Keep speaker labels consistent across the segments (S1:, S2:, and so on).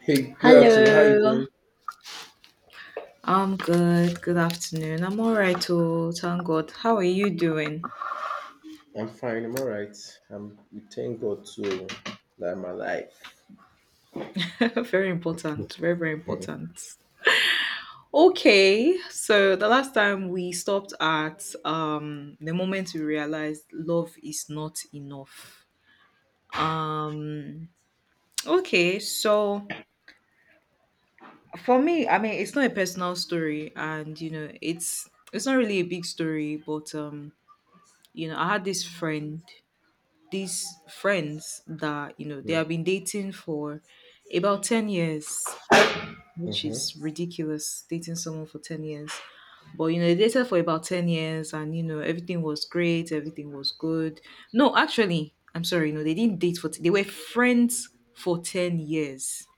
S1: Hey, good afternoon. How are you
S2: Hello.
S1: doing?
S2: I'm good. Good afternoon. I'm all right, oh, thank God. How are you doing?
S1: I'm fine. I'm all right. I'm. We thank God to that I'm alive.
S2: Very important. Very, very important. Okay, so the last time we stopped at the moment we realized love is not enough. Um okay, so for me, I mean it's not a personal story and you know, it's not really a big story, but you know, I had this friend these friends that you know they have been dating for about 10 years, which
S1: Mm-hmm.
S2: is ridiculous, dating someone for 10 years. But you know they dated for about 10 years and you know everything was great, everything was good. No, actually I'm sorry, no, they didn't date for they were friends for 10 years.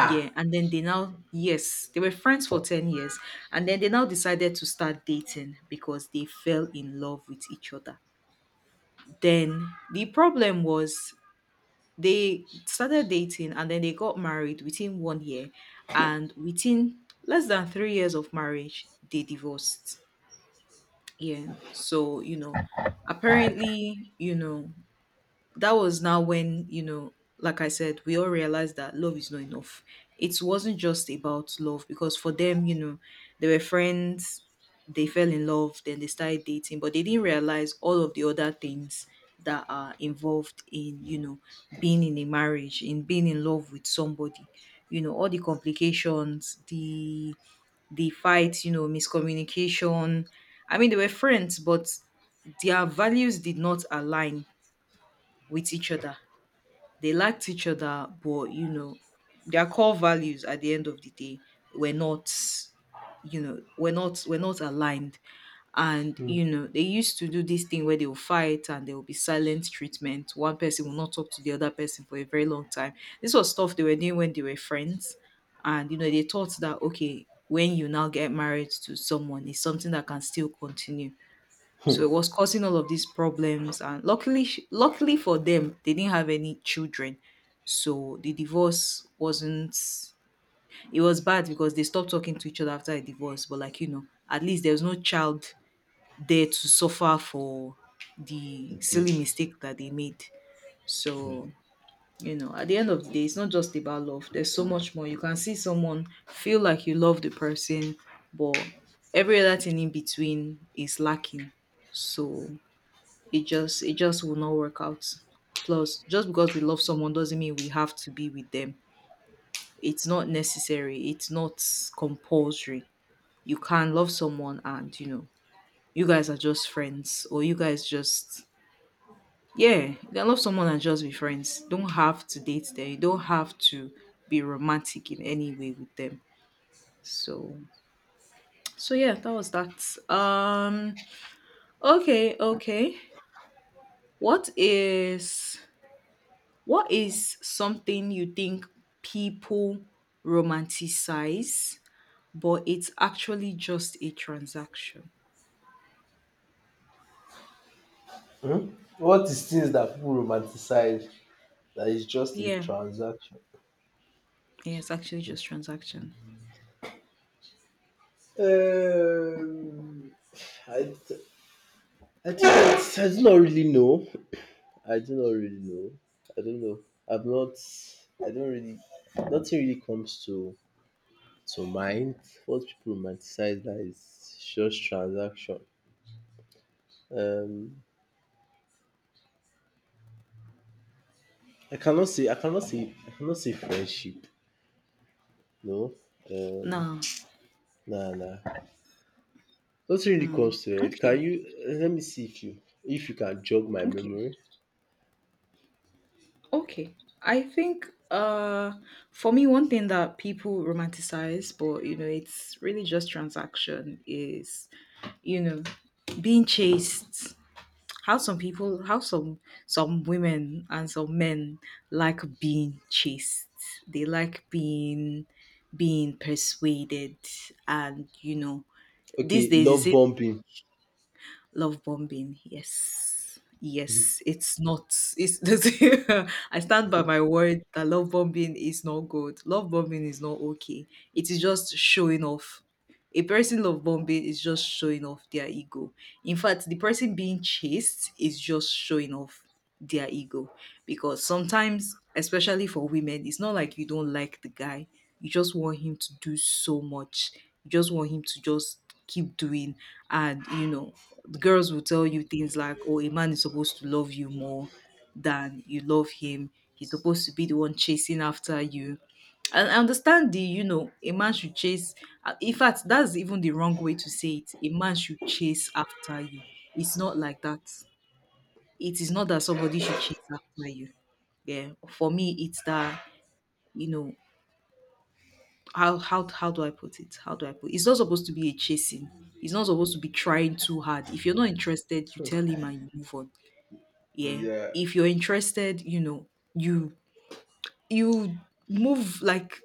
S2: Yeah, and then they now, yes, they were friends for 10 years, and then they now decided to start dating because they fell in love with each other. Then the problem was they started dating and then they got married within 1 year. And within less than 3 years of marriage, they divorced. Yeah. So, you know, apparently, you know, that was now when, you know, like I said, we all realized that love is not enough. It wasn't just about love, because for them, you know, they were friends, they fell in love, then they started dating, but they didn't realize all of the other things that are involved in, you know, being in a marriage, in being in love with somebody, you know, all the complications, the fights, you know, miscommunication. I mean they were friends, but their values did not align with each other. They liked each other, but you know, their core values at the end of the day were not, you know, were not aligned. And
S1: Hmm.
S2: you know they used to do this thing where they will fight and there will be silent treatment, one person will not talk to the other person for a very long time. This was stuff they were doing when they were friends, and you know they thought that okay, when you now get married to someone, it's something that can still continue. So it was causing all of these problems. And luckily, luckily for them, they didn't have any children. So the divorce wasn't, it was bad because they stopped talking to each other after a divorce. But like, you know, at least there was no child there to suffer for the
S1: Indeed.
S2: silly mistake that they made. So, you know, at the end of the day, it's not just about love. There's so much more. You can see someone, feel like you love the person, but every other thing in between is lacking. So it just will not work out. Plus, just because we love someone doesn't mean we have to be with them. It's not necessary. It's not compulsory. You can love someone and you know you guys are just friends, or you guys just, yeah, you can love someone and just be friends. Don't have to date them. You don't have to be romantic in any way with them. So so yeah, that was that. Okay, okay. What is What is something you think people romanticize, but it's actually just a transaction?
S1: Hmm? What is things that people romanticize that is just a
S2: Yeah,
S1: transaction?
S2: yeah, it's actually just transaction.
S1: Um, I, I do not really know. I do not really know. I don't know. I've not. I don't really. Nothing really comes to mind what people romanticize that is just transaction. Um, I cannot say friendship. No, um,
S2: No.
S1: nah, nah. Nothing really
S2: Mm.
S1: comes to it.
S2: Okay.
S1: Let me see if you can jog my
S2: Okay.
S1: memory?
S2: Okay. I think for me, one thing that people romanticize but you know it's really just transaction is, you know, being chased. How some people, how some women and some men like being chased. They like being persuaded. And you know these
S1: Okay,
S2: days
S1: love
S2: it's,
S1: bombing.
S2: love bombing. Yes. Yes. It's not. It's I stand by my word that love bombing is not good. Love bombing is not okay. It is just showing off. A person love bombing is just showing off their ego. In fact, the person being chased is just showing off their ego. Because sometimes, especially for women, it's not like you don't like the guy. You just want him to do so much. You just want him to just keep doing. And you know the girls will tell you things like, oh, a man is supposed to love you more than you love him. He's supposed to be the one chasing after you. And I understand the, you know, a man should chase. In fact, that's even the wrong way to say it. A man should chase after you. It's not like that. It is not that somebody should chase after you. Yeah. For me, it's that, you know, how do I put it? How do I put It's not supposed to be a chasing. It's not supposed to be trying too hard. If you're not interested, you tell him and you move on, yeah,
S1: Yeah.
S2: if you're interested, you know, you you move, like,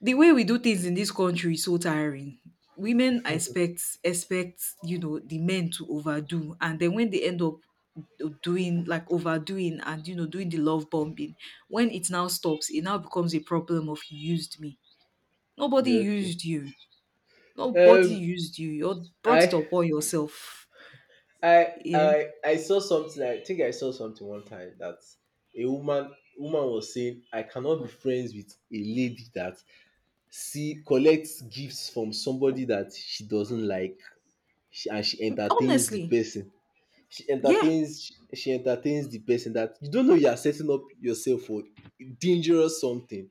S2: the way we do things in this country is so tiring. Women expect, you know, the men to overdo, and then when they end up doing, like, overdoing and you know doing the love bombing, when it now stops, it now becomes a problem of you used me. Nobody
S1: Yeah. Okay.
S2: used you.
S1: Um,
S2: You brought it
S1: I
S2: upon yourself.
S1: I
S2: Yeah,
S1: I I saw something. I think I saw something one time that a woman was saying, "I cannot be friends with a lady that see collects gifts from somebody that she doesn't like she, and she entertains the
S2: honestly,
S1: person she
S2: yeah,
S1: entertains she entertains the person that you don't know you are setting up yourself for dangerous something,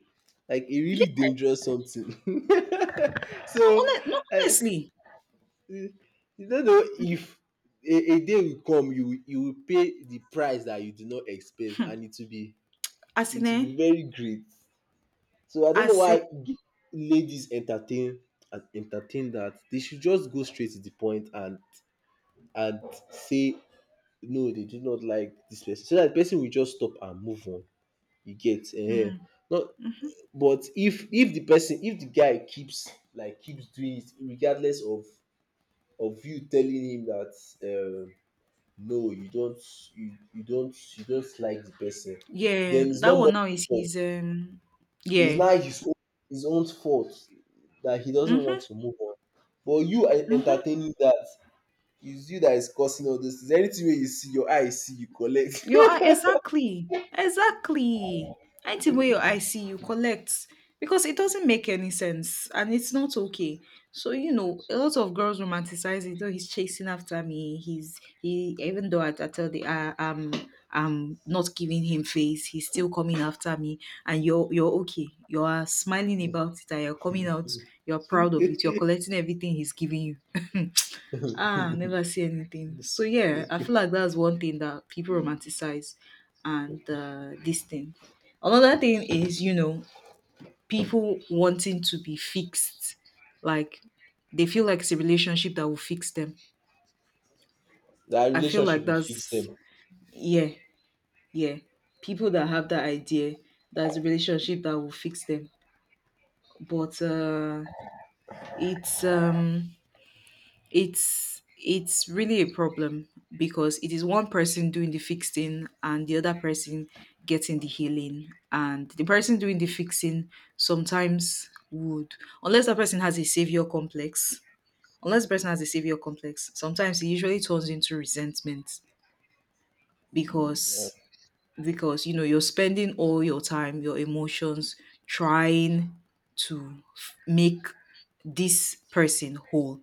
S1: like a
S2: yeah.
S1: really dangerous something.
S2: No,
S1: So
S2: honest, no,
S1: I,
S2: honestly,
S1: you don't know if a day will come you will pay the price that you do not expect, and
S2: as
S1: it
S2: in
S1: will
S2: eh,
S1: be very great. So I
S2: I
S1: don't know
S2: see.
S1: why ladies entertain and entertain that. They should just go straight to the point and and say no, they do not like this person. So that the person will just stop and move on. You get eh?
S2: Mhm,
S1: Not
S2: mhm.
S1: but if the person if the guy keeps, like, keeps doing it regardless of you telling him that, um no, you don't, like the person,
S2: Yeah,
S1: then it's
S2: that
S1: not
S2: one now is
S1: more.
S2: his, um,
S1: It's
S2: yeah.
S1: like his own fault that he doesn't
S2: Mhm,
S1: want to move on. But you are
S2: mhm.
S1: entertaining that. It's you that is causing all this. Is anything where you see your eyes see you collect.
S2: You are exactly, exactly. Anything where your eye see, you collect, because it doesn't make any sense and it's not okay. So you know, a lot of girls romanticize it. Oh, he's chasing after me. He's he. Even though I tell the I'm not giving him face, he's still coming after me. And you're okay. You are smiling about it and you're coming out. You're proud of it. You're collecting everything he's giving you. Ah, never see anything. So yeah, I feel like that's one thing that people romanticize, and this thing. Another thing is, you know, people wanting to be fixed. Like, they feel like it's a relationship that will fix them.
S1: That
S2: I feel like
S1: relationship will fix
S2: that's,
S1: them.
S2: yeah, yeah. People that have that idea, that's a relationship that will fix them. But it's it's really a problem, because it is one person doing the fixing and the other person getting the healing, and the person doing the fixing sometimes would, unless that person has a savior complex, unless the person has a savior complex sometimes it usually turns into resentment. Because, you know, you're spending all your time, your emotions, trying to make this person whole.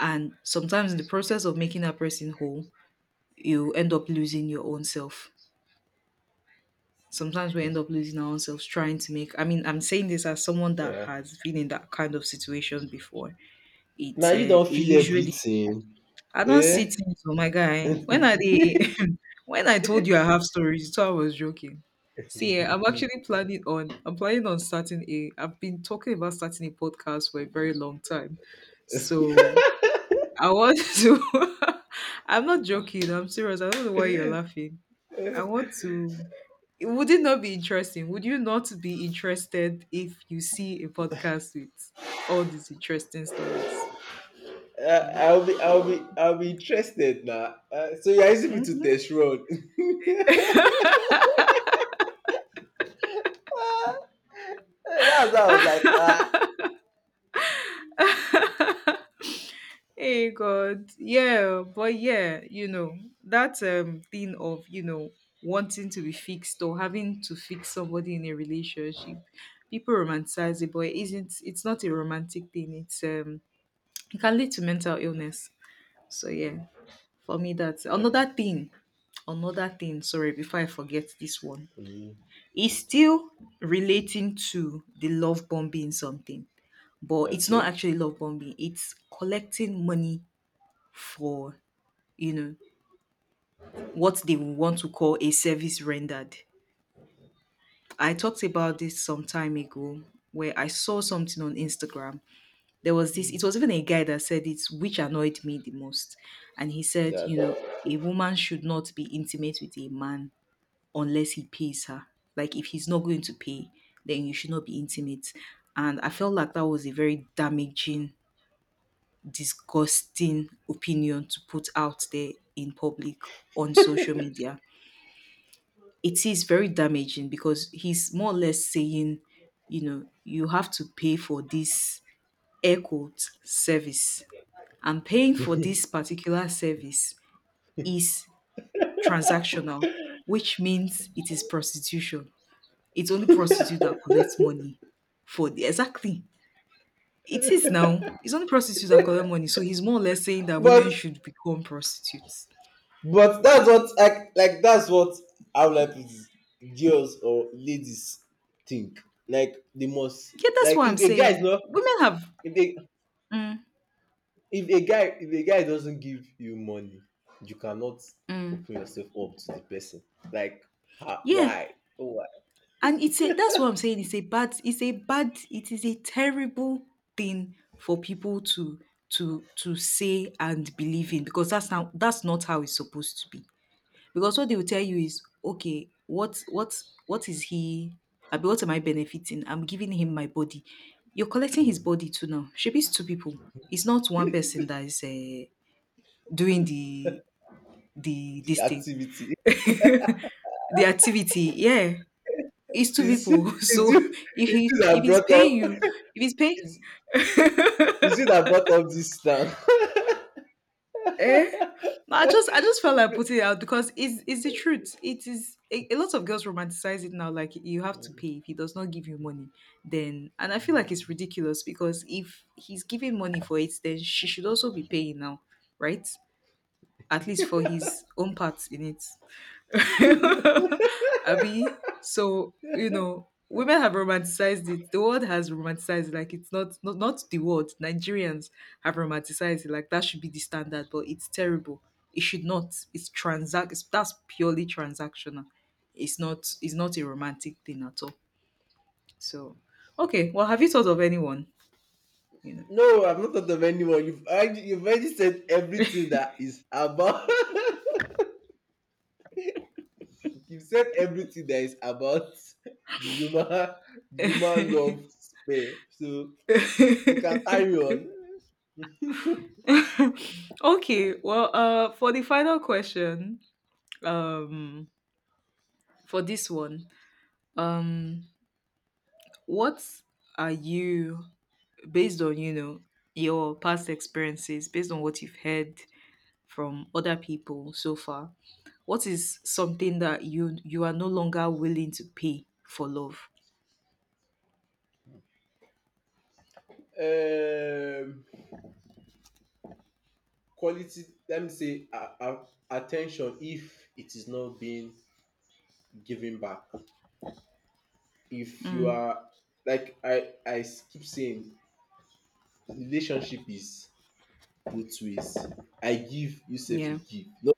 S2: And sometimes in the process of making that person whole, you end up losing your own self. Sometimes we end up losing our own selves trying to make, I mean, I'm saying this as someone that
S1: Yeah.
S2: has been in that kind of situation before.
S1: Now
S2: It's
S1: you
S2: it
S1: don't feel
S2: usually,
S1: everything.
S2: I don't see
S1: Yeah.
S2: things, oh my guy. When I dey when I told you I have stories, you, I was joking. See, eh, I'm actually planning on, I've been talking about starting a podcast for a very long time. So I want to I'm not joking, I'm serious. I don't know why you're laughing. I want to Would it not be interesting? Would you not be interested if you see a podcast with all these interesting stories?
S1: I'll be interested now. So you're asking me to
S2: Mm-hmm.
S1: test road. That's how I was like, ah.
S2: Hey God, yeah, but yeah, you know that thing of, you know, wanting to be fixed or having to fix somebody in a relationship, people romanticize it, but it isn't. It's not a romantic thing. It's it can lead to mental illness. So yeah, for me that's
S1: Okay.
S2: another thing. Another thing. Sorry, before I forget this one,
S1: Mm,
S2: it's still relating to the love bombing something, but it's not
S1: okay.
S2: actually love bombing. It's collecting money for, you know, what they want to call a service rendered. I talked about this some time ago, where I saw something on Instagram. There was this, it was even a guy that said it, which annoyed me the most. And he said, you know,
S1: That.
S2: a woman should not be intimate with a man unless he pays her. Like, if he's not going to pay, then you should not be intimate. And I felt like that was a very damaging, disgusting opinion to put out there in public, on social media. It is very damaging because he's more or less saying, you know, you have to pay for this air quote service. And paying for this particular service is transactional, which means it is prostitution. It's only prostitute that collects money for, the exactly. It is now. It's only prostitutes that collect money. So he's more or less saying that
S1: But
S2: women should become prostitutes.
S1: But that's what I like. That's what, how would I put, girls or ladies think. Like they must,
S2: Yeah, that's
S1: like,
S2: what I'm
S1: if a guy is
S2: saying.
S1: not,
S2: Women have
S1: if a
S2: Mm,
S1: if a guy doesn't give you money, you cannot
S2: mm.
S1: open yourself up to the person. Like, ha,
S2: Yeah,
S1: why? Oh, why?
S2: and it's a, that's what I'm saying. It is a terrible thing for people to to say and believe in because that's not how it's supposed to be. Because what they will tell you is, okay, what is he I mean, what am I benefiting? I'm giving him my body. You're collecting
S1: Hmm.
S2: his body too now. She is two people. It's not one person that is doing the the
S1: The
S2: this thing.
S1: activity
S2: The activity, yeah. It's two
S1: is
S2: people.
S1: is you,
S2: So
S1: is it
S2: if
S1: that
S2: he's
S1: brought
S2: paying you,
S1: up
S2: if he's paying
S1: is is it that brought up this now?
S2: eh? No, I just felt like putting it out because it's the truth. It is a lot of girls romanticize it now. Like you have to pay if he does not give you money, then and I feel like it's ridiculous because if he's giving money for it, then she should also be paying now, right? At least for his own part in it. Abby. So, you know, women have romanticized it. The world has romanticized it. Like it's not the world. Nigerians have romanticized it. Like that should be the standard, but it's terrible. It should not. It's, that's purely transactional. It's not a romantic thing at all. So okay, well have you thought of anyone? You know.
S1: No, I've not thought of anyone. You've already said everything that is about. You've said everything that is about the human love sphere. So we can carry on.
S2: Okay, well for the final question, um for this one, um, what are you based on, you know, your past experiences, based on what you've heard from other people so far, what is something that you are no longer willing to pay for love?
S1: Um, quality. Let me say attention, if it is not being given back. If you
S2: Mm,
S1: are, like, I keep saying, relationship is both ways. I give, you say
S2: yeah.
S1: you give.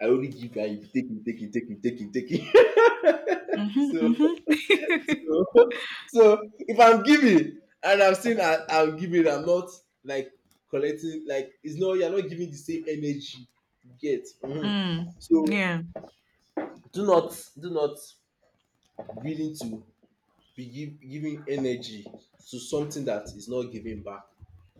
S1: I only give her, you take it, take it, take it, take it, take it.
S2: Hmm, hmm.
S1: So, so, if I'm giving and I'm saying, I'm giving, I'm not like collecting, like it's not, you're not giving the same energy you get. Mhm.
S2: Mm,
S1: So
S2: yeah.
S1: do not willing to be giving energy to something that is not giving back.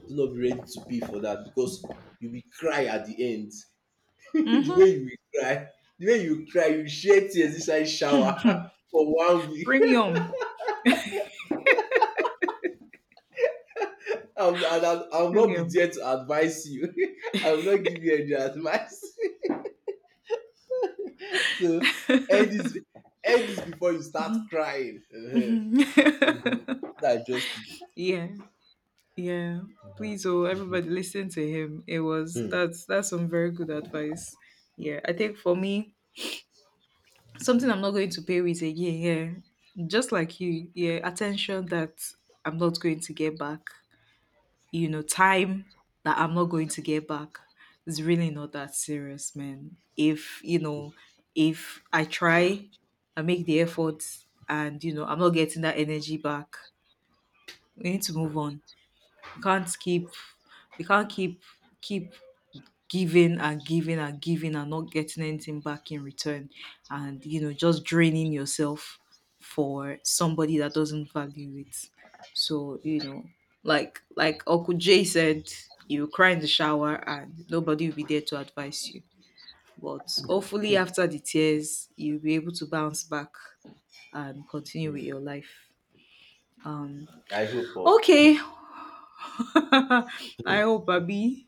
S1: Do not be ready to pay for that because you will cry at the end. the
S2: Hmm.
S1: way you will cry the way you cry you shed tears inside shower for one week
S2: Premium.
S1: and I'll not be
S2: Premium.
S1: there to advise you. I will not give you any advice. So end this end this before you start crying, uh-huh. hmm that's just it.
S2: Yeah. Yeah. Please, oh, everybody listen to him. It was
S1: Mm-hmm.
S2: that's some very good advice. Yeah. I think for me, something I'm not going to pay with again, yeah. Just like you, yeah, attention that I'm not going to get back. Time that I'm not going to get back. It's really not that serious, man. If you know, If I try, I make the effort and I'm not getting that energy back. We need to move on. We can't keep we can't keep giving and giving and giving and not getting anything back in return and just draining yourself for somebody that doesn't value it. So, like Uncle Jay said, you cry in the shower and nobody will be there to advise you. But hopefully after the tears, you'll be able to bounce back and continue with your life. Um
S1: I hope, oh.
S2: okay. I hope Abby.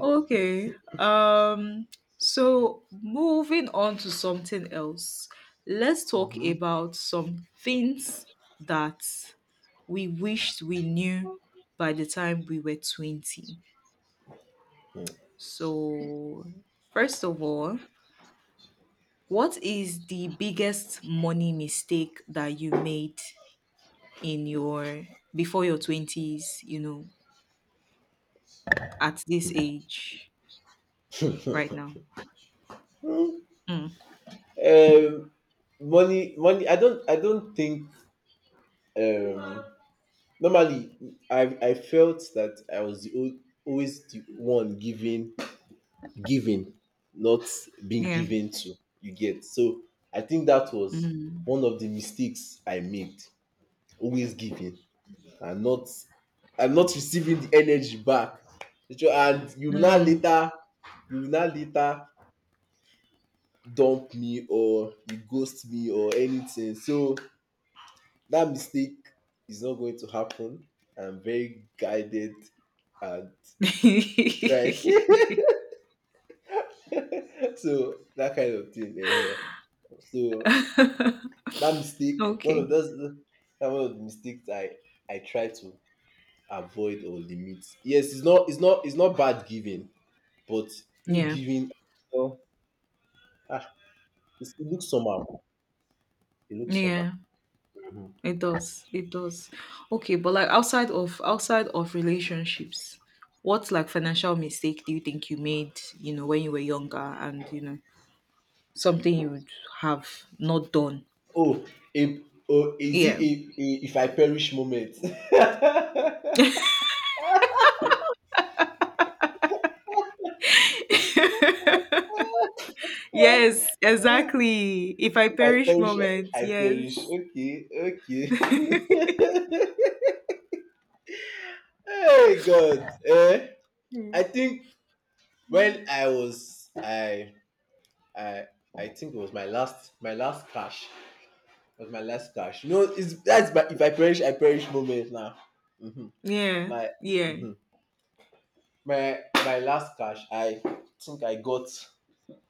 S2: Okay. So moving on to something else. Let's talk
S1: Mhm.
S2: about some things that we wished we knew by the time we were 20. So, first of all, what is the biggest money mistake that you made in your before your 20s, at this age right now? Mm.
S1: Um, money. I don't think. Um, normally, I felt that I was always the one giving, not being
S2: Yeah.
S1: given to. You get? So I think that was
S2: Mm.
S1: one of the mistakes I made. Always giving and not receiving the energy back. Which And
S2: Mm.
S1: you will now later dump me, or you ghost me, or anything. So that mistake is not going to happen. I'm very guided and trying. So that kind of thing. Eh. Eh. So that mistake one of
S2: Okay.
S1: those that one of the mistakes I try to avoid or limit. Yes, it's not bad giving, but you
S2: Yeah.
S1: giving, oh ah it's- it looks somehow it looks somehow.
S2: Yeah. It does. It does. Okay, but like outside of relationships, what like financial mistake do you think you made, when you were younger and something you would have not done?
S1: Oh a oh Is it
S2: Yeah.
S1: a "if I perish" moment? If
S2: Yes, exactly. If I
S1: I
S2: perish
S1: perish, i
S2: moment,
S1: I perish.
S2: yes.
S1: Okay, okay. Hey God, eh. I
S2: Mm.
S1: think when I was I I think it was my last cash. It was my last cash. You know, it's that's my "if I perish, I perish" moment now. Hmm.
S2: Yeah.
S1: My.
S2: Yeah.
S1: Mhm. My last cash. I think I got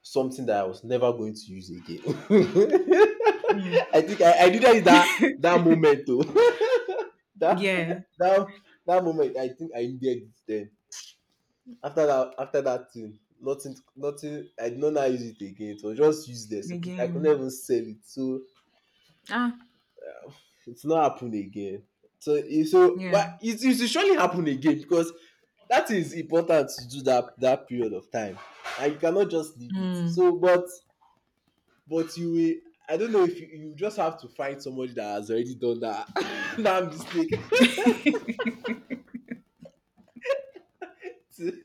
S1: something that I was never going to use again.
S2: Mm.
S1: I think I did that in that moment though. that
S2: Yeah.
S1: that that moment I think I needed it then. After that thing, nothing. I did not now use it again. It was just useless. I could not
S2: Again.
S1: even sell it. So
S2: Ah,
S1: it's not happened again. So so
S2: yeah.
S1: but it will surely happen again because that is important to do that period of time. And you cannot just leave it.
S2: Mm.
S1: So but you will I don't know, if you just have to find somebody that has already done that that mistake, to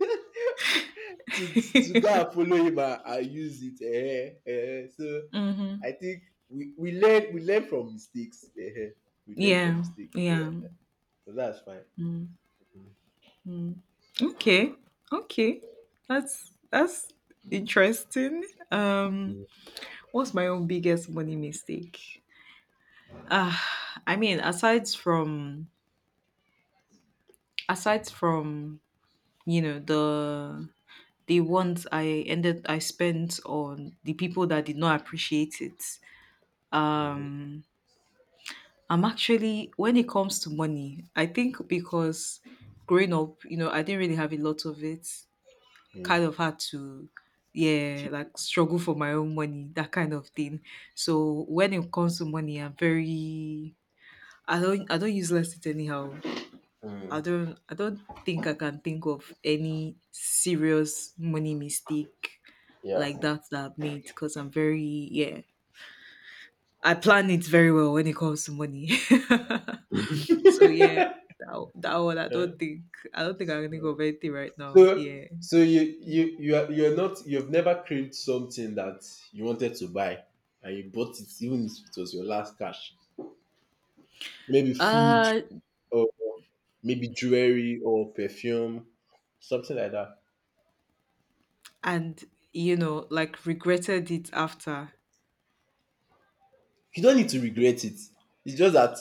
S1: to to go and follow him and use it. Eh, eh. Eh. So
S2: Mm-hmm.
S1: I think we learn from mistakes. Eh, eh. We learn from
S2: Yeah,
S1: mistakes. Yeah.
S2: yeah.
S1: So that's fine.
S2: Okay. Okay. That's interesting. Um
S1: Mhm.
S2: what's my own biggest money mistake? Uh I mean aside from, the ones I spent on the people that did not appreciate it.
S1: Mhm.
S2: Um I'm actually when it comes to money, I think because growing up, I didn't really have a lot of it,
S1: Mm.
S2: kind of had to, yeah,
S1: Keep it.
S2: like struggle for my own money, that kind of thing. So when it comes to money, I'm very, I don't use less it anyhow. i
S1: Mm.
S2: don't i don't think I can think of any serious money mistake
S1: Yeah.
S2: like that that I've made because I'm very, yeah, I plan it very well when it comes to money. So yeah, that one, i
S1: Yeah.
S2: don't think i don't think I can think of anything right now.
S1: So
S2: Yeah
S1: so
S2: Yeah.
S1: you've never craved something that you wanted to buy and you bought it even if it was your last cash. Maybe food,
S2: Uh.
S1: or maybe jewelry or perfume, something like that.
S2: And, like regretted it after.
S1: You don't need to regret it. It's just that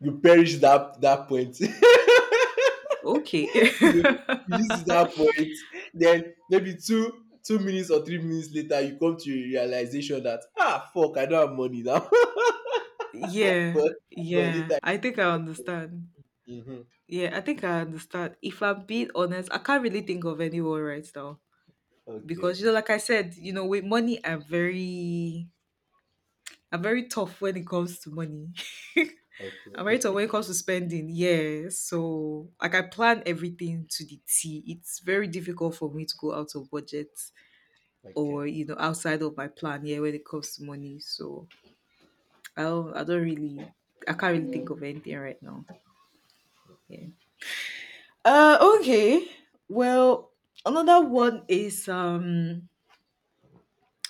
S1: you perish that point.
S2: Okay.
S1: You use it that point. Then maybe two minutes or 3 minutes later you come to a realization that, ah, fuck, I don't have money now.
S2: Yeah,
S1: but but
S2: yeah,
S1: later.
S2: I think I understand.
S1: Mhm.
S2: Yeah, I think I understand. If I'm being honest, I can't really think of anyone right now because
S1: Okay,
S2: like I said, with money, I'm very tough when it comes to money. I'm
S1: okay,
S2: very tough when it comes to spending. Yeah, so like I plan everything to the T. It's very difficult for me to go out of budget
S1: okay.
S2: or outside of my plan, yeah, when it comes to money. So I don't really I can't really think of anything right now. Yeah. Okay, well, another one is,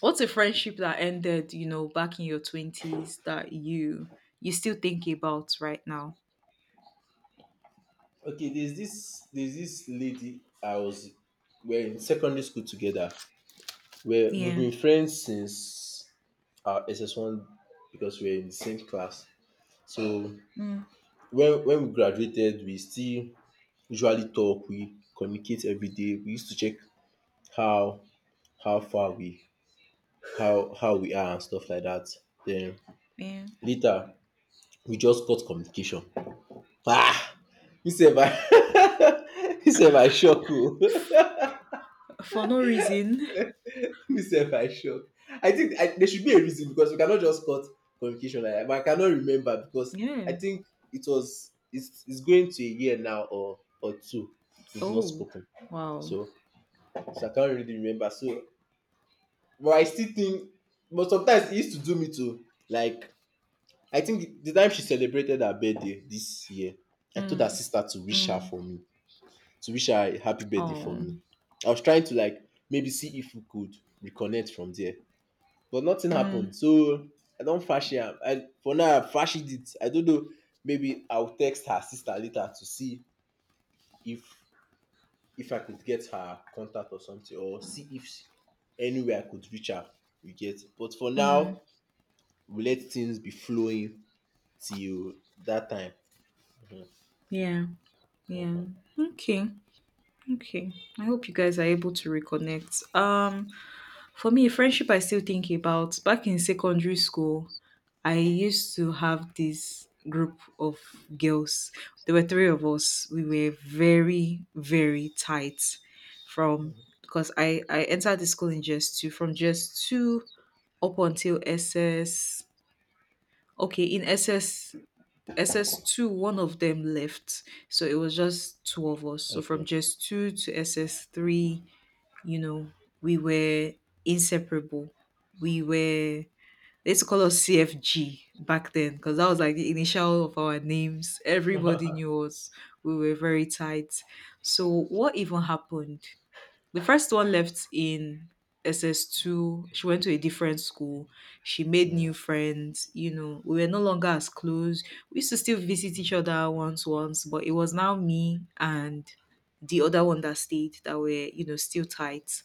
S2: what's a friendship that ended, back in your 20s that you still think about right now?
S1: Okay, there's this lady, I was we're in secondary school together. We've
S2: Yeah.
S1: been friends since our SS1 because we're in the same class. So
S2: Mm,
S1: when we graduated, we still usually talk, we communicate every day. We used to check how how far we how we are and stuff like that. Then
S2: yeah.
S1: later we just got communication. Ah, you said my you said my shock. Oh.
S2: For no reason.
S1: Myself, I shock. I think, there should be a reason because we cannot just cut communication like that. But I cannot remember because I
S2: Yeah.
S1: think it's going to a year now, or two. We've not
S2: Oh,
S1: spoken,
S2: wow.
S1: so so I can't really remember. So, but I still think. But sometimes it used to do me too. Like, I think the time she celebrated her birthday this year, I told her
S2: Mm,
S1: sister
S2: mm.
S1: to wish her a happy birthday for
S2: Oh.
S1: me. I was trying to, like, maybe see if we could reconnect from there. But nothing
S2: Mm,
S1: happened. So I don't fash am. I for now I fashed it. I don't know. Maybe I'll text her sister later to see if if I could get her contact or something, or see if anywhere I could reach her. You get. But for
S2: mm.
S1: now, we let things be flowing till that time.
S2: Yeah, yeah.
S1: Mhm.
S2: Okay. Okay. I hope you guys are able to reconnect. For me, friendship I still think about. Back in secondary school, I used to have this group of girls. There were three of us. We were very, very tight from, because I entered the school in just two, from just two up until SS. Okay, in SS SS2, one of them left. So it was just two of us. So from
S1: Okay.
S2: just two to SS3, you know, we were inseparable. They used to call us CFG back then because that was like the initial of our names. Everybody knew us. We were very tight. So, what even happened? The first one left in SS2. She went to a different school. She made
S1: Mm,
S2: new friends. We were no longer as close. We used to still visit each other once, but it was now me and the other one that stayed that were, still tight.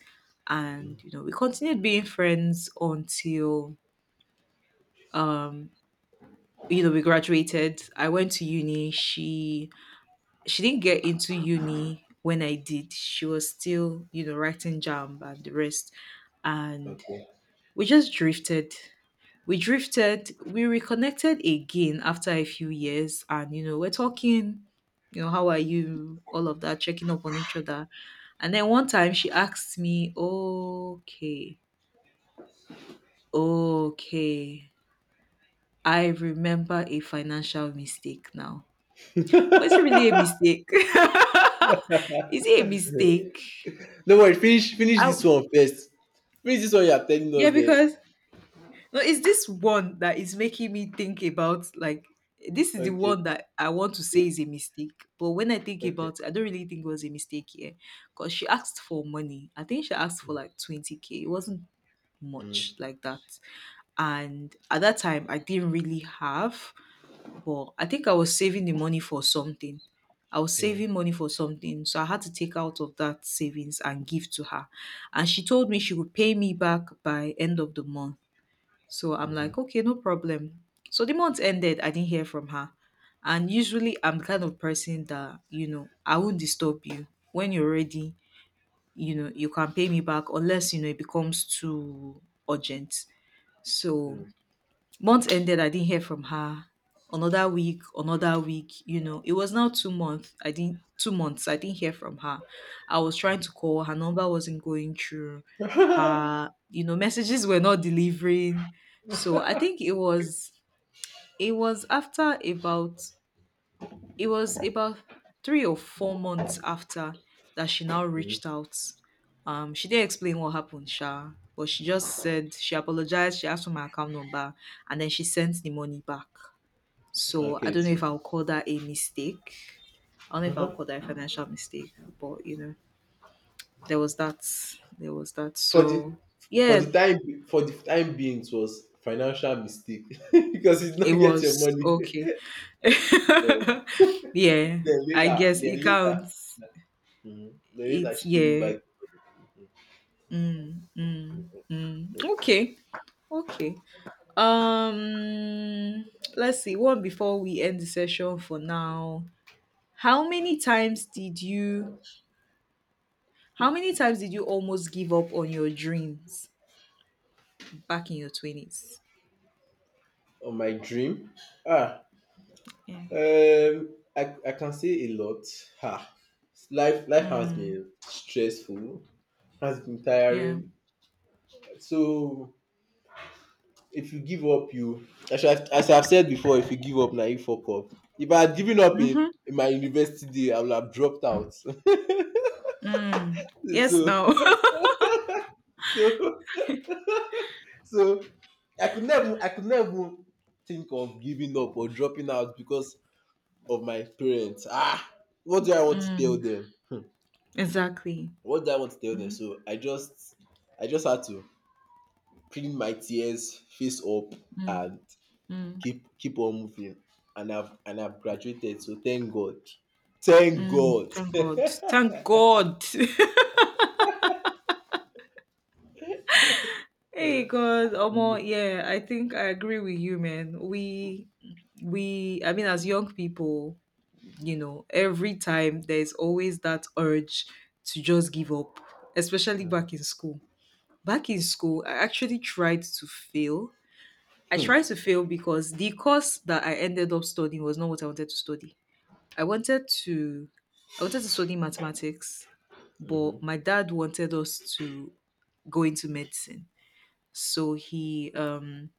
S2: And, we continued being friends until, um, we graduated. I went to uni. She didn't get into uni when I did. She was still, writing jam and the rest. And
S1: okay.
S2: we just drifted. We drifted. We reconnected again after a few years. And, we're talking, how are you? All of that, checking up on each other. And then one time she asked me, okay, okay, I remember a financial mistake now. Was it really a mistake? Is it a mistake?
S1: No worry. Finish
S2: I,
S1: this one first. Finish this one you are telling
S2: yeah,
S1: us there.
S2: because no, it's this one that is making me think about, like, this is the
S1: Okay.
S2: one that I want to say is a mistake, but when I think
S1: Okay.
S2: about it, I don't really think it was a mistake here because she asked for money. I think she asked for
S1: Mm,
S2: like 20K. It wasn't much
S1: mm,
S2: like that. And at that time, I didn't really have. But I think I was saving the money for something. I was
S1: mm,
S2: saving money for something. So I had to take out of that savings and give to her. And she told me she would pay me back by end of the month. So I'm like,
S1: mhm,
S2: okay, no problem. So the month ended, I didn't hear from her. And usually I'm the kind of person that, I won't disturb you. When you're ready, you can pay me back unless, it becomes too urgent. So
S1: mm,
S2: month ended, I didn't hear from her. Another week, another week. It was now 2 months. I didn't 2 months, I didn't hear from her. I was trying to call. Her number wasn't going through. Her messages were not delivering. So I think it was after about it was about 3 or 4 months after that she now
S1: mm.
S2: reached out. She didn't explain what happened, Sha, but she just said she apologized. She asked for my account number, and then she sent the money back. So I
S1: Okay,
S2: don't know
S1: see.
S2: if I'll call that a mistake. I don't know if I'll call
S1: Uh-huh.
S2: that a financial mistake, but there was that. There was that.
S1: For the
S2: So
S1: for
S2: yeah,
S1: the time for the time being, it was financial mistake because you did not
S2: it
S1: get your
S2: was
S1: money.
S2: okay.
S1: then,
S2: Yeah, I guess
S1: then
S2: it
S1: later.
S2: counts.
S1: Mhm. Then later
S2: It's
S1: she gave me
S2: yeah,
S1: back,
S2: Mm, mm, mm.
S1: like,
S2: Okay, okay. Um, let's see. One before we end the session for now. How many times did you? How many times did you almost give up on your dreams back in your 20s?
S1: on my dream. Ah,
S2: Yeah.
S1: um, I can say a lot. Ha. Life has
S2: Mm,
S1: been stressful, has been
S2: yeah.
S1: tiring. So if you give up, you, as I've said before, if you give up now you fuck up. If I had given up in my university day, I would have dropped out.
S2: Mm. Yes.
S1: so
S2: Now.
S1: so so I could never think of giving up or dropping out because of my parents. Ah, what do I want to tell
S2: Mm,
S1: them?
S2: exactly.
S1: What do I want to tell them? So I just had to clean my tears, face up,
S2: Mm,
S1: and
S2: mm,
S1: keep on moving. And I've graduated. So thank God. Thank
S2: mm.
S1: God.
S2: Thank God. Thank God. Hey God, Omo, yeah, I think I agree with you, man. We I mean, as young people, every time there's always that urge to just give up, especially back in school. Back in school, I actually tried to fail. I tried to fail because the course that I ended up studying was not what I wanted to study. I wanted to I wanted to study mathematics, but
S1: Mhm.
S2: my dad wanted us to go into medicine. So he um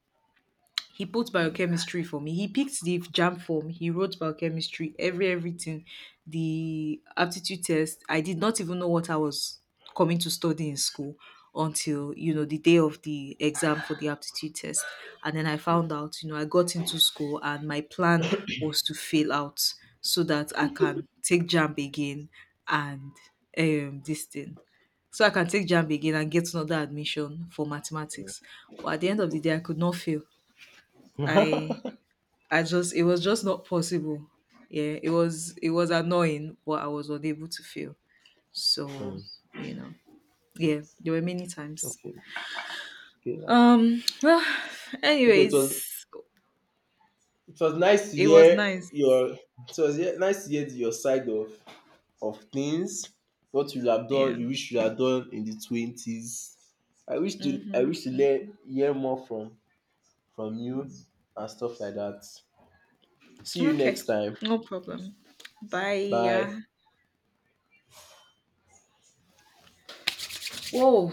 S2: he put biochemistry for me. He picked the jam form. He wrote biochemistry, everything, the aptitude test. I did not even know what I was coming to study in school until the day of the exam for the aptitude test. And then I found out, I got into school and my plan was to fail out so that I can take jam again and this thing. So I can take jam again and get another admission for mathematics. But at the end of the day, I could not fail. I I just It was just not possible. Yeah, it was annoying, but I was unable to fail. So, you know, yeah, there were many times.
S1: Okay. Okay. Now.
S2: Well,
S1: Okay,
S2: anyways,
S1: it was nice to
S2: it was
S1: hear
S2: nice.
S1: your, nice to hear your side of things. What you have done,
S2: Yeah.
S1: you wish you had done in the twenties. I
S2: Mm-hmm.
S1: wish to learn
S2: Mm-hmm.
S1: hear more from you and stuff like that. See you
S2: Okay.
S1: next time.
S2: No problem. Bye.
S1: Bye.
S2: Yeah. Whoa.